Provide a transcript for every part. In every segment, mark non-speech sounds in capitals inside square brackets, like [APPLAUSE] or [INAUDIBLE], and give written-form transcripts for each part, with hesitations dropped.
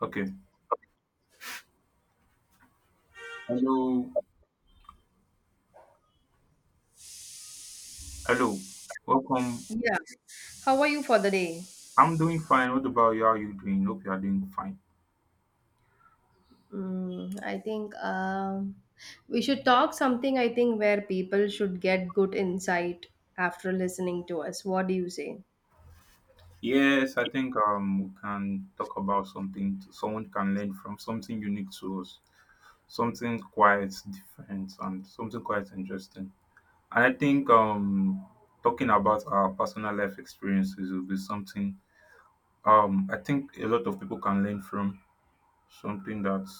Okay. Hello. Hello. Welcome. Yeah. How are you for the day? I'm doing fine. What about you? How are you doing? Hope you are doing fine. I think we should talk something, I think, where people should get good insight after listening to us. What do you say? Yes, I think we can talk about something someone can learn from, something unique to us, something quite different and something quite interesting. And I think talking about our personal life experiences will be something I think a lot of people can learn from, something that,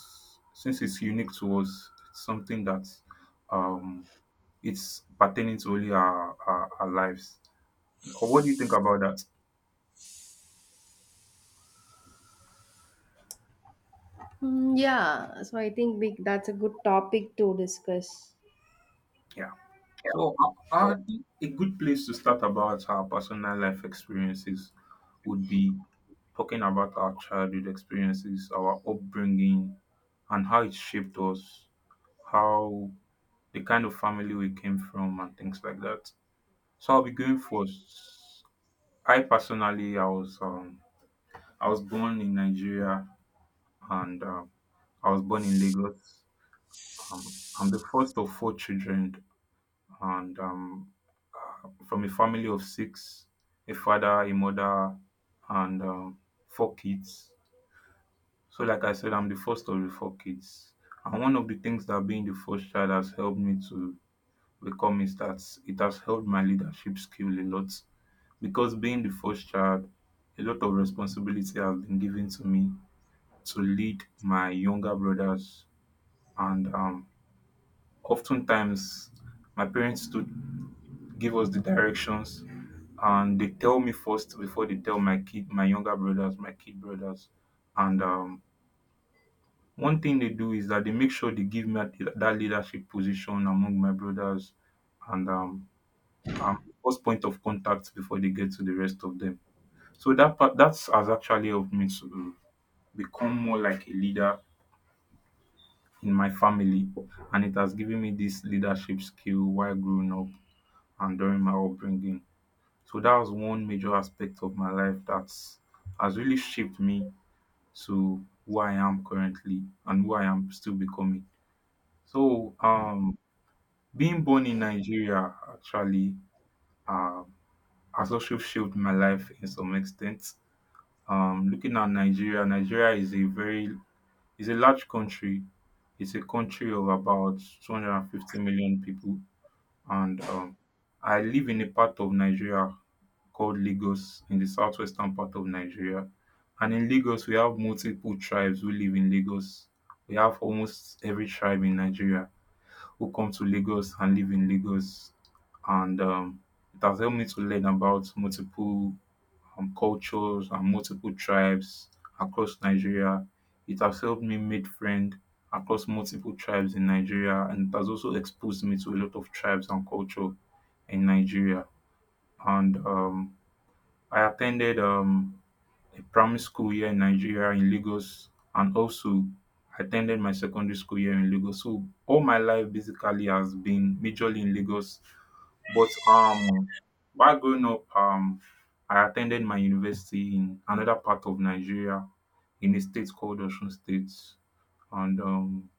since it's unique to us, it's something that um it's pertaining to only our lives. Or what do you think about that? Mm, yeah. So I think that's a good topic to discuss. Yeah. So, I think a good place to start about our personal life experiences would be talking about our childhood experiences, our upbringing, and how it shaped us, how, the kind of family we came from, and things like that. So I'll be going first. I personally, I was born in Nigeria, and I was born in Lagos. I'm the first of four children, and from a family of six, a father, a mother, and four kids. So, like I said, I'm the first of the four kids. And one of the things that being the first child has helped me to become is that it has helped my leadership skill a lot. Because being the first child, a lot of responsibility has been given to me to lead my younger brothers. And oftentimes, my parents stood give us the directions, and they tell me first before they tell my younger brothers, my kid brothers. And one thing they do is that they make sure they give me that leadership position among my brothers. And I'm the first point of contact before they get to the rest of them, so that part that has actually helped me to become more like a leader in my family, and it has given me this leadership skill while growing up and during my upbringing. So that was one major aspect of my life that has really shaped me to who I am currently and who I am still becoming. So being born in Nigeria actually um has also shaped my life in some extent. Looking at Nigeria, is a large country. It's a country of about 250 million people, and I live in a part of Nigeria called lagos, in the southwestern part of nigeria. And in lagos, we have multiple tribes who live in lagos. We have almost every tribe in nigeria who come to lagos and live in lagos. And it has helped me to learn about multiple cultures and multiple tribes across nigeria. It has helped me make friends across multiple tribes in nigeria, and it has also exposed me to a lot of tribes and culture in nigeria. And I attended um a primary school here in nigeria in lagos, and also at ten my secondary school here in lagos. So all my life basically has been majorly in lagos, but while growing up, I attended my university in another part of nigeria, in a state called osun state. And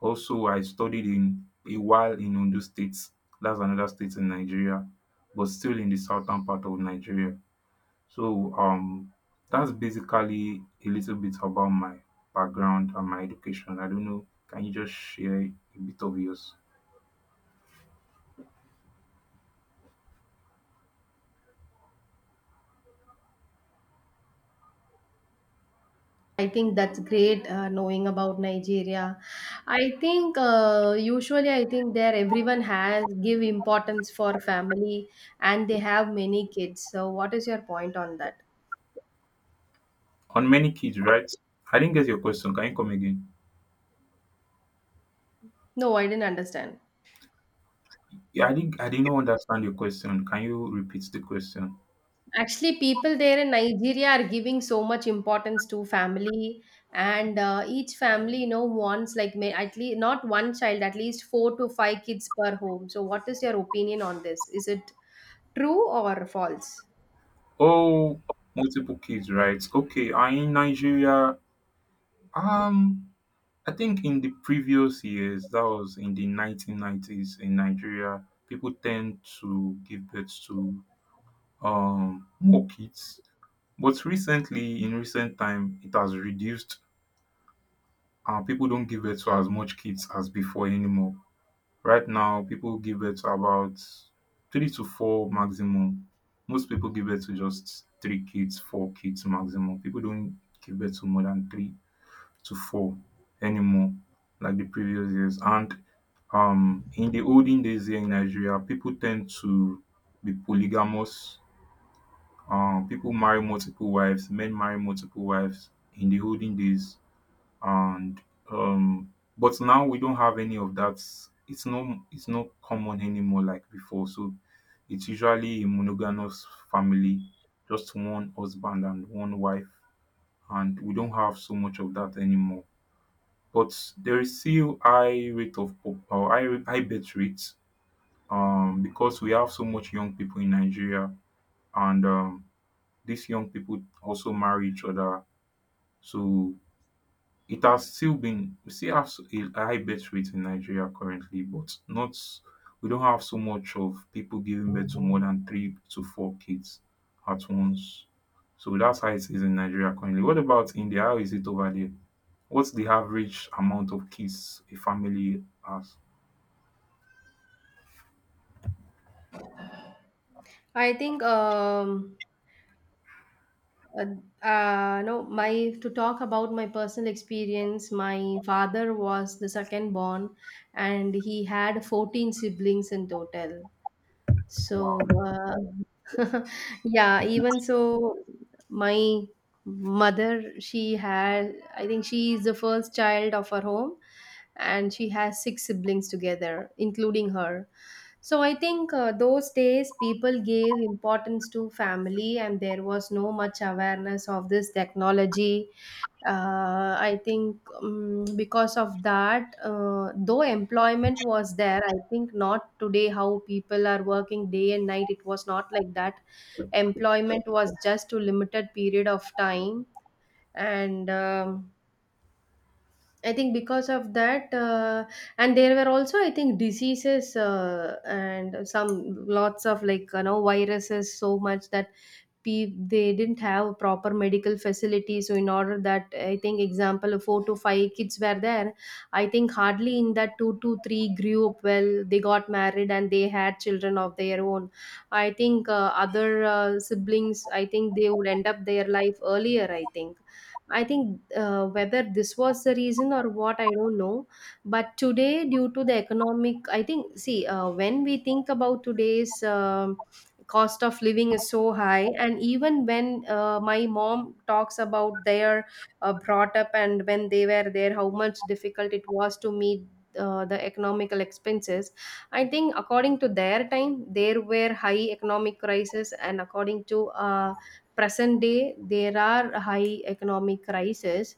also I studied in a while in ondo state, that's another state in nigeria, but still in the southern part of nigeria. So that's basically a little bit about my background and my education. I don't know. Can you just share a bit of yours? I think that's great knowing about Nigeria. I think usually I think there everyone has give importance for family and they have many kids. So what is your point on that? On many kids, right? I didn't get your question. Can you come again? No, I didn't understand. Yeah, I did not understand your question. Can you repeat the question? Actually, people there in Nigeria are giving so much importance to family, and each family, wants like may, at least not one child, at least four to five kids per home. So, what is your opinion on this? Is it true or false? Oh, multiple kids, right? Okay, I in Nigeria. Um, I think in the previous years, that was in the 1990s in Nigeria, people tend to give birth to more kids. But recently, in recent time, it has reduced and people don't give birth to as much kids as before anymore. Right now, people give birth to about three to four maximum. Most people give birth to just three kids, four kids maximum. People don't give birth to more than three to four anymore, like the previous years. And in the olden days here in Nigeria, people tend to be polygamous. Pipo marry multiple wives, men marry multiple wives in the olden days. And but now we don't have any of that. It's not common anymore like before, so it's usually a monogamous family, just one husband and one wife, and we don't have so much of that anymore. But there is still high rate of pop or high birth rates, because we have so much young people in Nigeria. And these young people also marry each other. So it has still been we still have a high birth rate in Nigeria currently, but not, we don't have so much of people giving birth to more than three to four kids at once. So that's how it is in Nigeria currently. What about India? How is it over there? What's the average amount of kids a family has? I think no, my to talk about my personal experience. My father was the second born, and he had 14 siblings in total. So, Wow. uh, [LAUGHS] yeah, even so, my mother, she had, I think she is the first child of her home, and she has six siblings together, including her. So, I think those days people gave importance to family, and there was no much awareness of this technology. I think because of that, though employment was there, I think not today how people are working day and night. It was not like that. Employment was just to limited period of time, and I think because of that, and there were also I think diseases and some lots of like viruses so much that they didn't have proper medical facilities, so in order that I think example four to five kids were there. I think hardly in that two to three grew up well, they got married and they had children of their own. I think other siblings, I think they would end up their life earlier, I think whether this was the reason or what, I don't know. But today, due to the economic, I think, see, when we think about today's cost of living is so high. And even when my mom talks about their brought up and when they were there, how much difficult it was to meet the economical expenses. I think according to their time there were high economic crisis, and according to present day there are high economic crisis.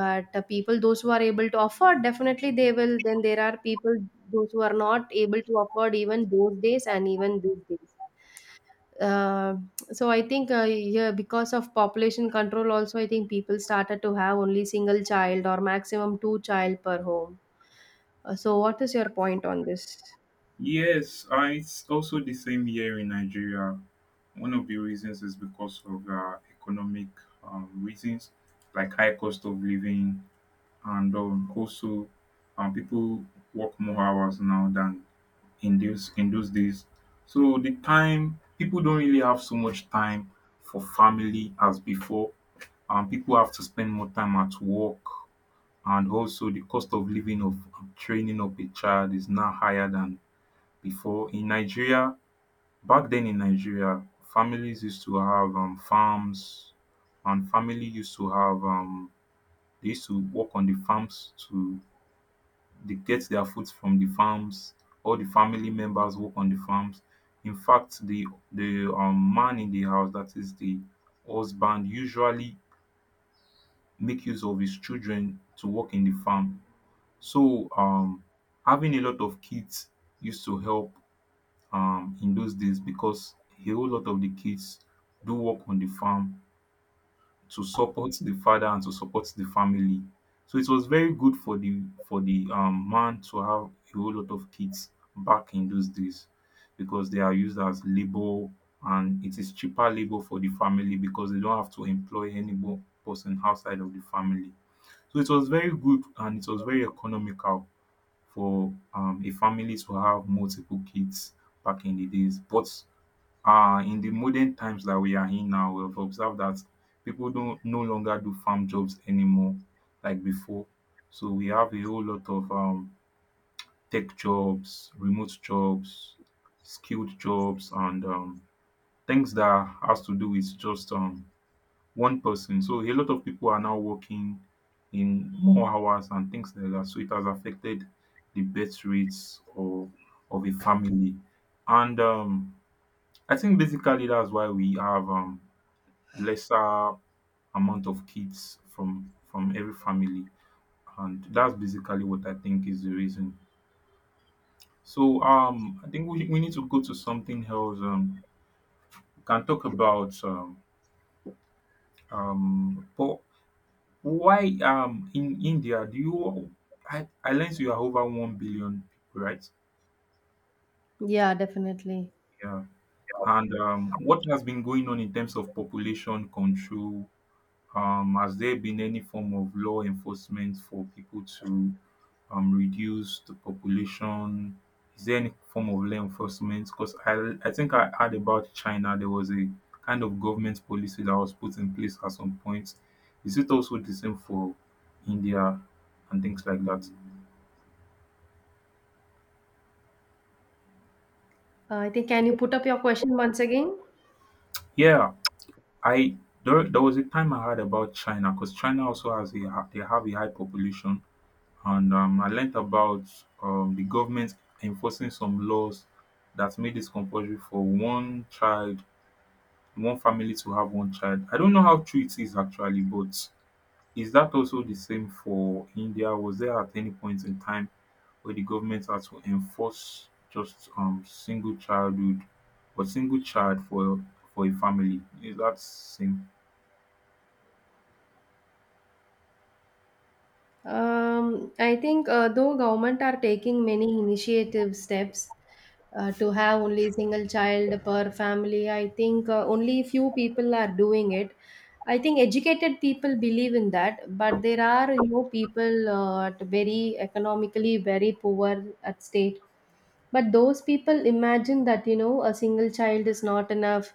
But people those who are able to afford, definitely they will. Then there are people those who are not able to afford, even those days and even these days. uh, so I think yeah, because of population control also, I think people started to have only single child or maximum two child per home. So what is your point on this? Yes, it's also the same here in Nigeria. One of the reasons is because of economic reasons, like high cost of living, and also people work more hours now than in those days. So the time people don't really have so much time for family as before. People have to spend more time at work, and also the cost of living of training up a child is now higher than before in nigeria. Back then in nigeria, families used to have farms, and family used to have, they used to work on the farms to dey get their food from the farms. All the family members work on the farms. In fact, the man in the house, that is the husband, usually make use of his children to work in the farm. So having a lot of kids used to help in those days, because a whole lot of the kids do work on the farm to support the father and to support the family. So it was very good for the, for the man to have a whole lot of kids back in those days, because they are used as labour, and it is cheaper labour for the family because they don't have to employ any more person outside of the family. So it was very good and it was very economical for a family to have multiple kids back in the days. But in the modern times that we are in now, we've observed that people don't no longer do farm jobs anymore like before. So we have a whole lot of tech jobs, remote jobs, skilled jobs, and things that has to do with just one person. So a lot of people are now working in more hours and things like that. So it has affected the birth rates or of a family. And I think basically that's why we have lesser amount of kids from every family, and that's basically what I think is the reason. So I think we need to go to something else. We can talk about but why in India do you? I learned you are over 1 billion people, right? Yeah, definitely. Yeah. And what has been going on in terms of population control? Has there been any form of law enforcement for people to reduce the population? Is there any form of law enforcement? Because i think I heard about china, there was a kind of government policy that was put in place at some point. Is it also the same for india and things like that? I think can you put up your question once again? Yeah, i, there was a time I heard about china, because china also has a they have a high population. And I learnt about di govment enforcing some laws that made it compulsory for one child, one family to have one child. I don't know how true it is actually, but is that also the same for india? Was there at any point in time where the government had to enforce just single childhood, or single child for a family? Is that same? I think though government are taking many initiative steps to have only single child per family, I think only few people are doing it. I think educated people believe in that, but there are people at very economically very poor at state. But those people imagine that a single child is not enough,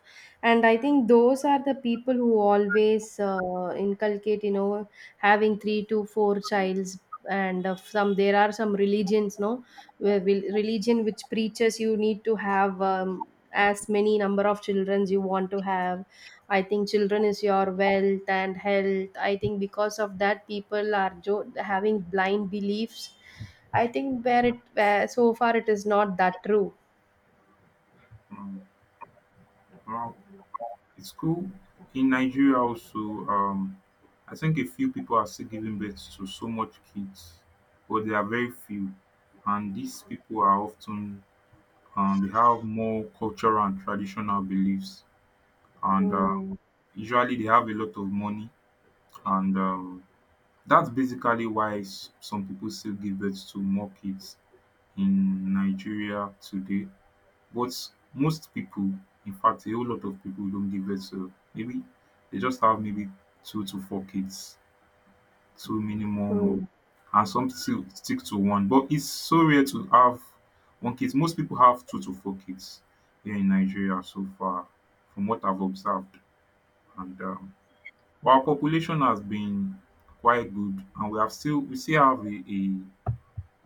and I think those are the people who always inculcate having three to four childs. And some, there are some religions, no, where will, religion which preaches you need to have as many number of children you want to have. I think children is your wealth and health. I think because of that, people are having blind beliefs. I think where it where so far it is not that true. um well, it's cool. Okay, in Nigeria also, um, I think a few people are still giving birth to so much kids, but there are very few. And these people are often, they have more cultural and traditional beliefs. And Mm, usually they have a lot of money. And that's basically why some people still give birth to more kids in Nigeria today. But most people, in fact a whole lot of people, don't give birth to maybe they just have maybe 2 to 4 kids, 2 minimum, or mm. and some still stick to 1, but it's so rare to have 1 kid. Most people have 2 to 4 kids here in Nigeria, so far from what I've observed. And our population has been quite good, and we still have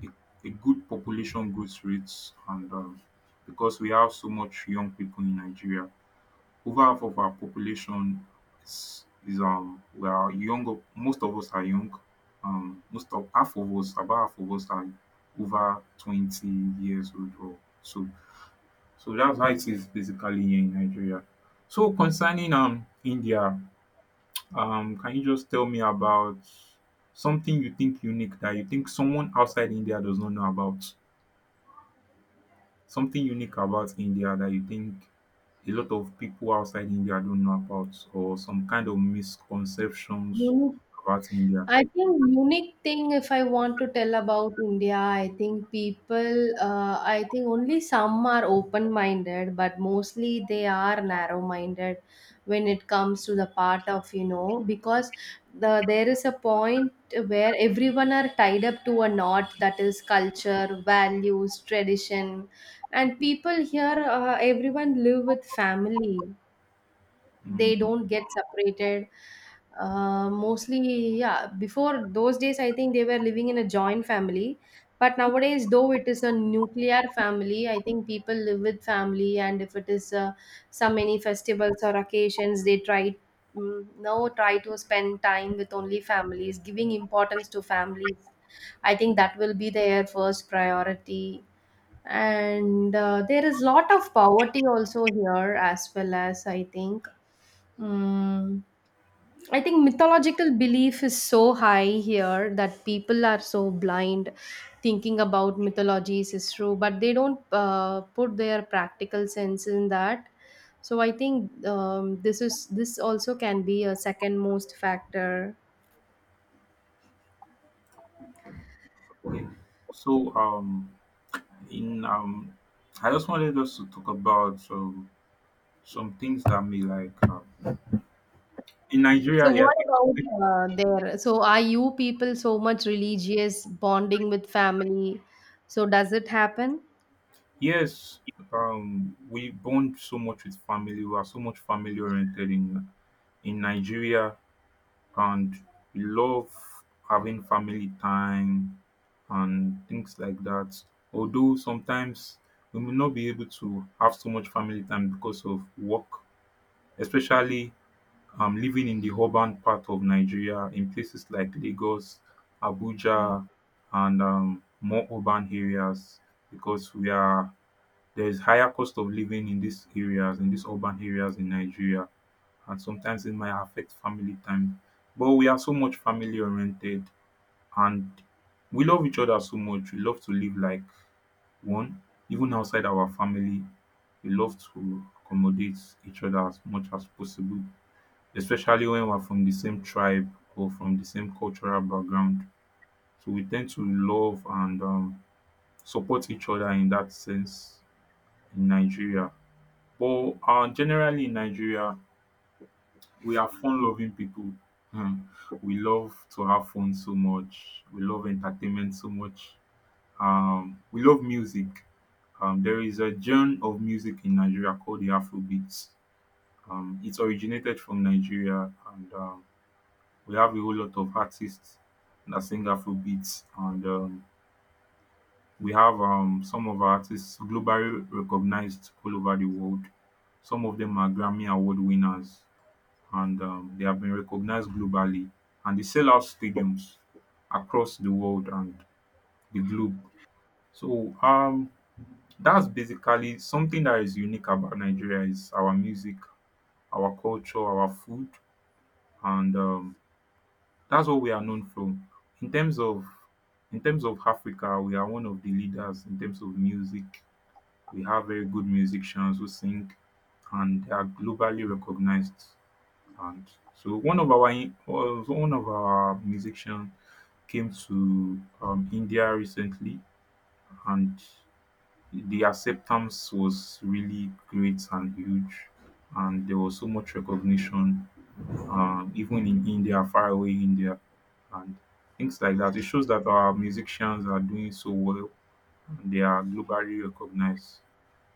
a, a good population growth rates. And because we have so much young people in Nigeria, over half of our population is we are younger. Most of us are young. Most of half of us, about half of us are over 20 years old or so. So that's how it is basically here in Nigeria. So concerning India, can you just tell me about something you think unique that you think someone outside India does not know about? Something unique about India that you think a lot of people outside India don't know about, or some kind of You misconceptions need, about India? I think unique thing, if I want to tell about India, I think people, I think only some are open minded, but mostly they are narrow minded when it comes to the part of, you know, because there is a point where everyone are tied up to a knot, that is culture, values, tradition, and people here, everyone live with family, Mm, they don't get separated. Mostly yeah, before those days I think they were living in a joint family, but nowadays though it is a nuclear family, I think people live with family, and if it is some many festivals or occasions they try, mm, now try to spend time with only families, giving importance to families. I think that will be their first priority. And there is lot of poverty also here as well, as I think. Mm, I think mythological belief is so high here that people are so blind thinking about mythologies is true, but they don't put their practical sense in that. So I think this is, this also can be a second most factor. okay. So, in I just wanted us to talk about some things that may like in Nigeria, So yeah. what about people- there? So are you people so much religious bonding with family? So does it happen? Yes, we bond so much with family. We are so much family oriented in Nigeria. And we love having family time and things like that. Although sometimes we may not be able to have so much family time because of work, especially living in the urban part of Nigeria, in places like Lagos, Mm. Abuja, and more urban areas, because we are there is higher cost of living in these areas, in these urban areas in Nigeria, and sometimes it might affect family time. But we are so much family oriented, and we love each other so much. We love to live like one, even outside our family. We love to accommodate each other as much as possible, especially when we're from the same tribe or from the same cultural background. So we tend to love and support each other in that sense in Nigeria. But generally in Nigeria, we are fun-loving people. Um, we love to have fun so much. We love entertainment so much. We love music. There is a genre of music in Nigeria called the Afrobeats. It originated from Nigeria, and we have a whole lot of artists that sing Afrobeats, and we have some of our artists globally recognized all over the world. Some of them are Grammy Award winners, and they have been recognised globally, and they sell out stadiums across the world and the globe. So that's basically something that is unique about Nigeria is our music, our culture, our food, and that's what we are known from. In terms of in terms of Africa, we are one of the leaders in terms of music. We have very good musicians who sing, and they are globally recognized. And so one of our musicians came to India recently, and the acceptance was really great and huge, and there was so much recognition, even in India, far away India, and things like that. It shows that our musicians are doing so well and they are globally recognized.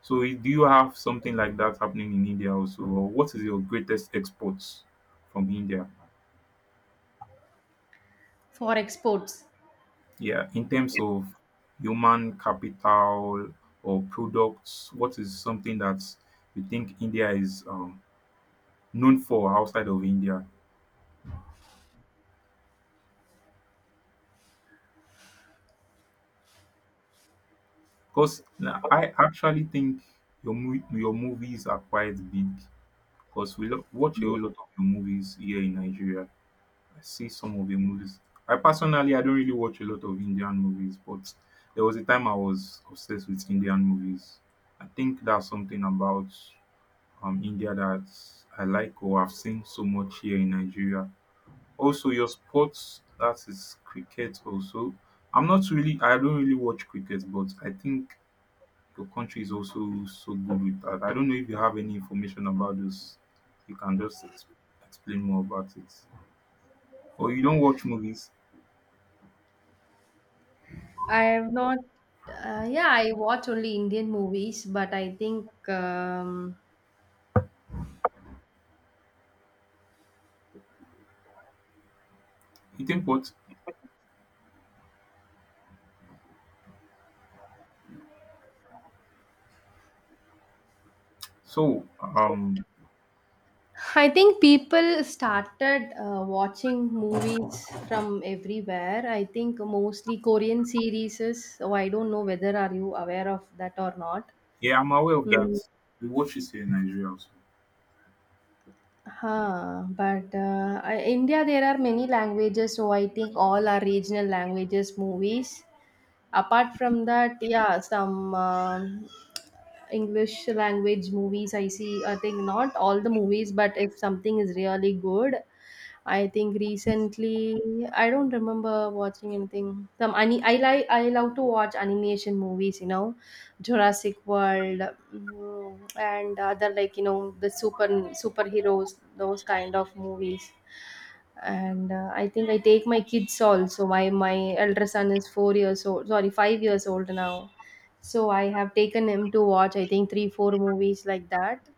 So, do you have something like that happening in India also, or what is your greatest exports from India? For exports? Yeah, in terms of human capital or products, what is something that you think India is known for outside of India? Because I actually think your your movies are quite big. Because we watch a whole lot of your movies here in Nigeria. I see some of your movies. I personally, I don't really watch a lot of Indian movies, but there was a time I was obsessed with Indian movies. I think that's something about India that I like or have seen so much here in Nigeria. Also, your sports that is cricket. Also, I'm not really. I don't really watch cricket, but I think your country is also so good with that. I don't know if you have any information about this. You can just explain more about it. Or you don't watch movies. I have not. Yeah, I watch only Indian movies, but I think You think what? So, [LAUGHS] I think people started watching movies from everywhere. I think mostly Korean series. So I don't know whether are you aware of that or not. yeah, I'm aware of Mm, that. We watch it here in Nigeria also. huh. But India, there are many languages, so I think all are regional languages movies. Apart from that, yeah, some. English language movies, I see. I think not all the movies, but if something is really good. I think recently I don't remember watching anything. Some I like, I love to watch animation movies. You know, Jurassic World, and other like, you know, the superheroes, those kind of movies. And I think I take my kids also. My elder son is 4 years old, sorry, 5 years old now, so I have taken him to watch, I think, 3 4 movies like that.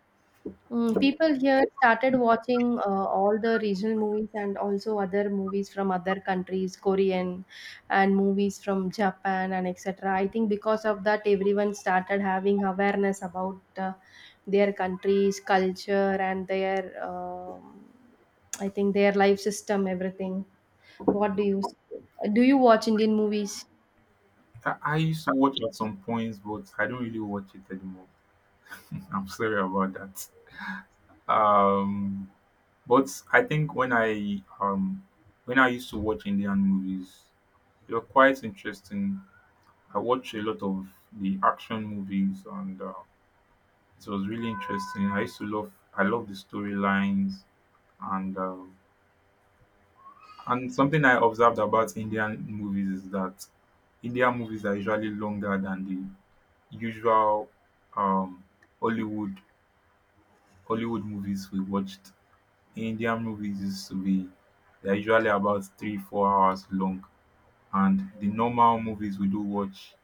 Mm, people here started watching all the regional movies and also other movies from other countries, Korean, and movies from Japan and etc. I think because of that, everyone started having awareness about their country's culture and their, I think, their life system, everything. What do? You watch Indian movies? I used to watch at some points, but I don't really watch it anymore. I'm sorry about that. Um, but I think when I used to watch Indian movies, they were quite interesting. I watched a lot of the action movies, and it was really interesting. I love the storylines, and um and something I observed about Indian movies is that Indian movies are usually longer than the usual um Hollywood Hollywood movies we watched. Indian movies used to be they're usually about 3 4 hours long, and the normal movies we do watch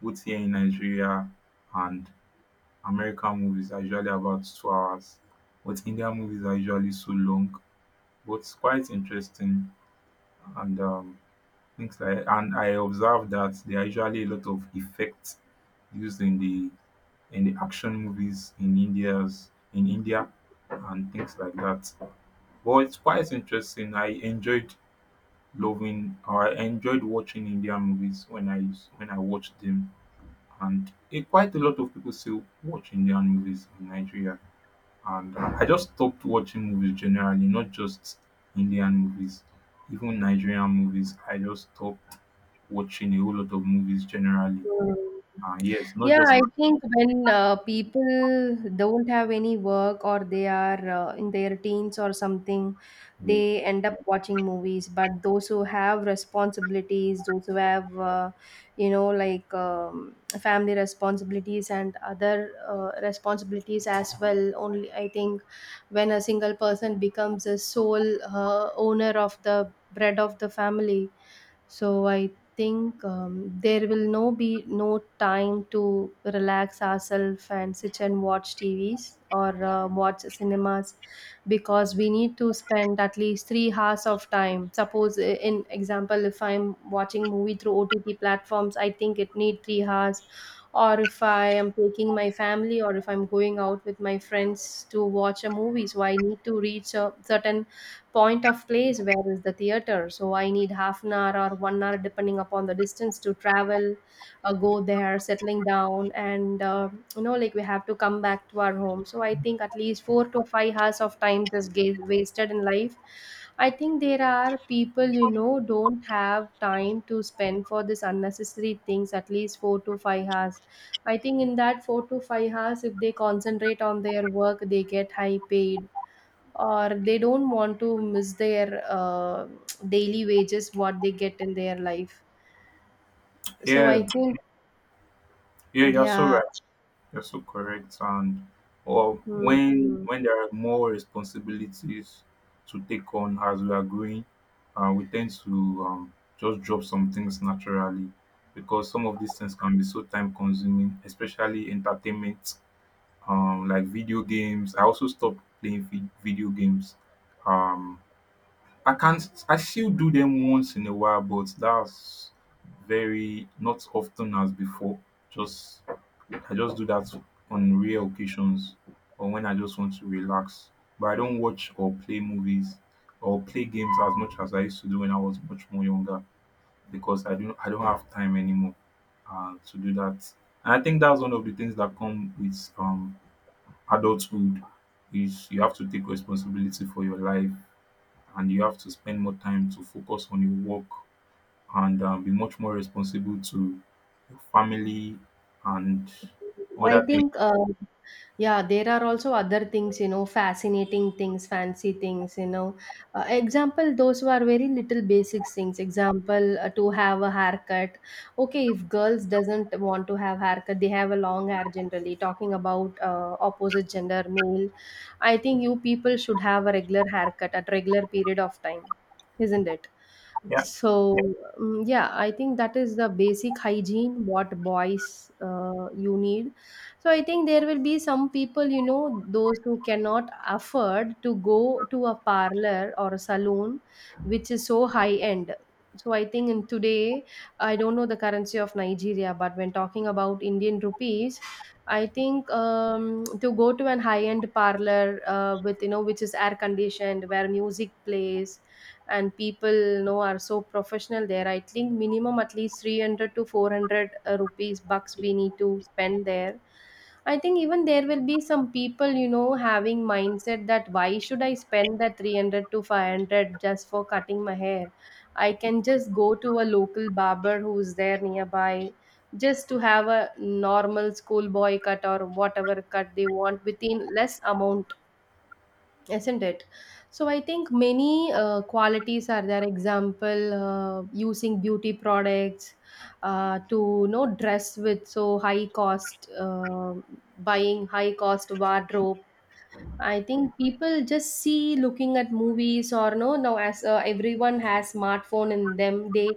both here in Nigeria and American movies are usually about 2 hours, but Indian movies are usually so long, but it's quite interesting. And things like and I observed that there are usually a lot of effects used in the action movies in India and things like that. But it's quite interesting. I enjoyed watching Indian movies when I watched them, and quite a lot of people still watch Indian movies in Nigeria. And I just stopped watching movies generally, not just Indian movies, even Nigerian movies. I just stopped watching a whole lot of movies generally. Mm. And yes, not Yeah, just. I think when people don't have any work or they are in their teens or something, Yeah, they end up watching movies. But those who have responsibilities, those who have, you know, like, family responsibilities and other responsibilities as well, only I think when a single person becomes a sole owner of the bread of the family, so I think there will no be no time to relax ourselves and sit and watch tvs or watch cinemas, because we need to spend at least 3 hours of time. Suppose in example if I'm watching movie through ott platforms, I think it need 3 hours. Or if I am taking my family or if I'm going out with my friends to watch a movie, so I need to reach a certain point of place where is the theater, so I need half an hour or 1 hour depending upon the distance to travel. Go there, settling down and, you know, like we have to come back to our home. So I think at least 4 to 5 hours of time is wasted in life. I think there are people, you know, don't have time to spend for this unnecessary things at least 4 to 5 hours. I think in that 4 to 5 hours if they concentrate on their work they get high paid, or they don't want to miss their daily wages what they get in their life. So yeah, I think yeah, you're so yeah. right. You're so correct. And or Mm, mm. when there are more responsibilities to take on as we are growing, we tend to just drop some things naturally because some of these things can be so time consuming, especially entertainment, like video games. I also stopped playing video games. Um, I can't. I still do them once in a while, but that's very not often as before. Just I just do that on rare occasions or when I just want to relax. But I don't watch or play movies or play games as much as I used to do when I was much more younger, because I don't have time anymore to do that. And I think that's one of the things that come with adulthood is you have to take responsibility for your life, and you have to spend more time to focus on your work, and be much more responsible to your family and I other things. think Yeah, there are also other things, you know, fascinating things, fancy things, you know. Example, those who are very little basic things. Example, to have a haircut. Okay, if girls doesn't want to have haircut, they have a long hair generally. Talking about opposite gender, male. I think you people should have a regular haircut at regular period of time, isn't it? Yeah, So, yeah, I think that is the basic hygiene what boys you need. So I think there will be some people, you know, those who cannot afford to go to a parlor or a salon which is so high end. So I think in today I don't know the currency of Nigeria, but when talking about Indian rupees, I think to go to an high-end parlor, with, you know, which is air conditioned, where music plays, and people, you know, are so professional there. I think minimum at least 300 to 400 rupees bucks we need to spend there. I think even there will be some people, you know, having mindset that why should I spend the 300 to 500 just for cutting my hair? I can just go to a local barber who's there nearby just to have a normal schoolboy cut or whatever cut they want within less amount, isn't it? So I think many qualities are there, example using beauty products, to, you know, dress with so high cost, buying high cost wardrobe. I think people just see looking at movies or no, now, as everyone has smartphone in them, they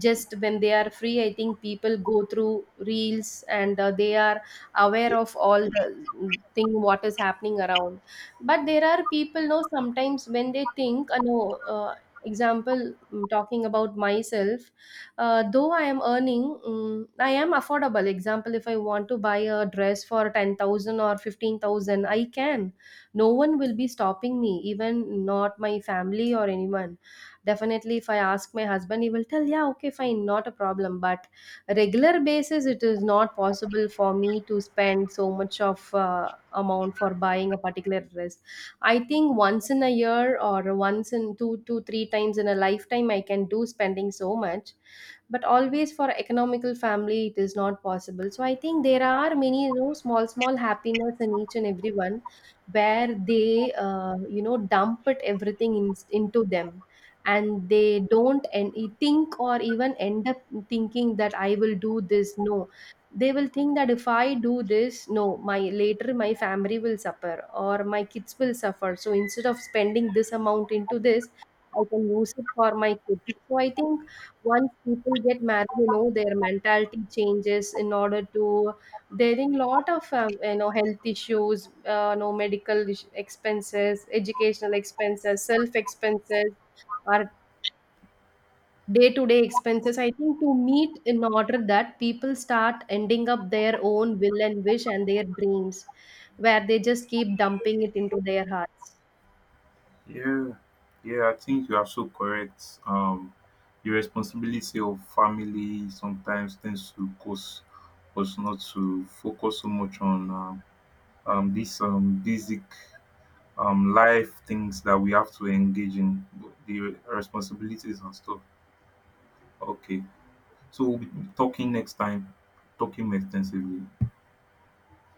just when they are free, I think people go through reels, and they are aware of all the thing what is happening around. But there are people, no, sometimes when they think no, example, talking about myself, though I am earning, I am affordable. Example, if I want to buy a dress for 10,000 or 15,000 I can, no one will be stopping me, even not my family or anyone. Definitely if I ask my husband he will tell yeah okay fine, not a problem. But regular basis it is not possible for me to spend so much of amount for buying a particular dress. I think once in a year or once in two to three times in a lifetime I can do spending so much. But always for economical family it is not possible. So I think there are many, you know, small small happiness in each and everyone, where they you know, dump it everything in, into them, and they don't, and think or even end up thinking that I will do this, no, they will think that if I do this, no, my later my family will suffer or my kids will suffer. So instead of spending this amount into this I can use it for my kids. So I think once people get married, you know, their mentality changes in order to there in lot of you know, health issues, no, medical expenses, educational expenses, self expenses, or day to day expenses, I think to meet. In order that people start ending up their own will and wish and their dreams, where they just keep dumping it into their hearts. yeah, yeah, I think you are so correct. The responsibility of family sometimes tends to cause us not to focus so much on these basic life things that we have to engage in, the responsibilities and stuff. Okay, so we'll be talking next time, talking more extensively.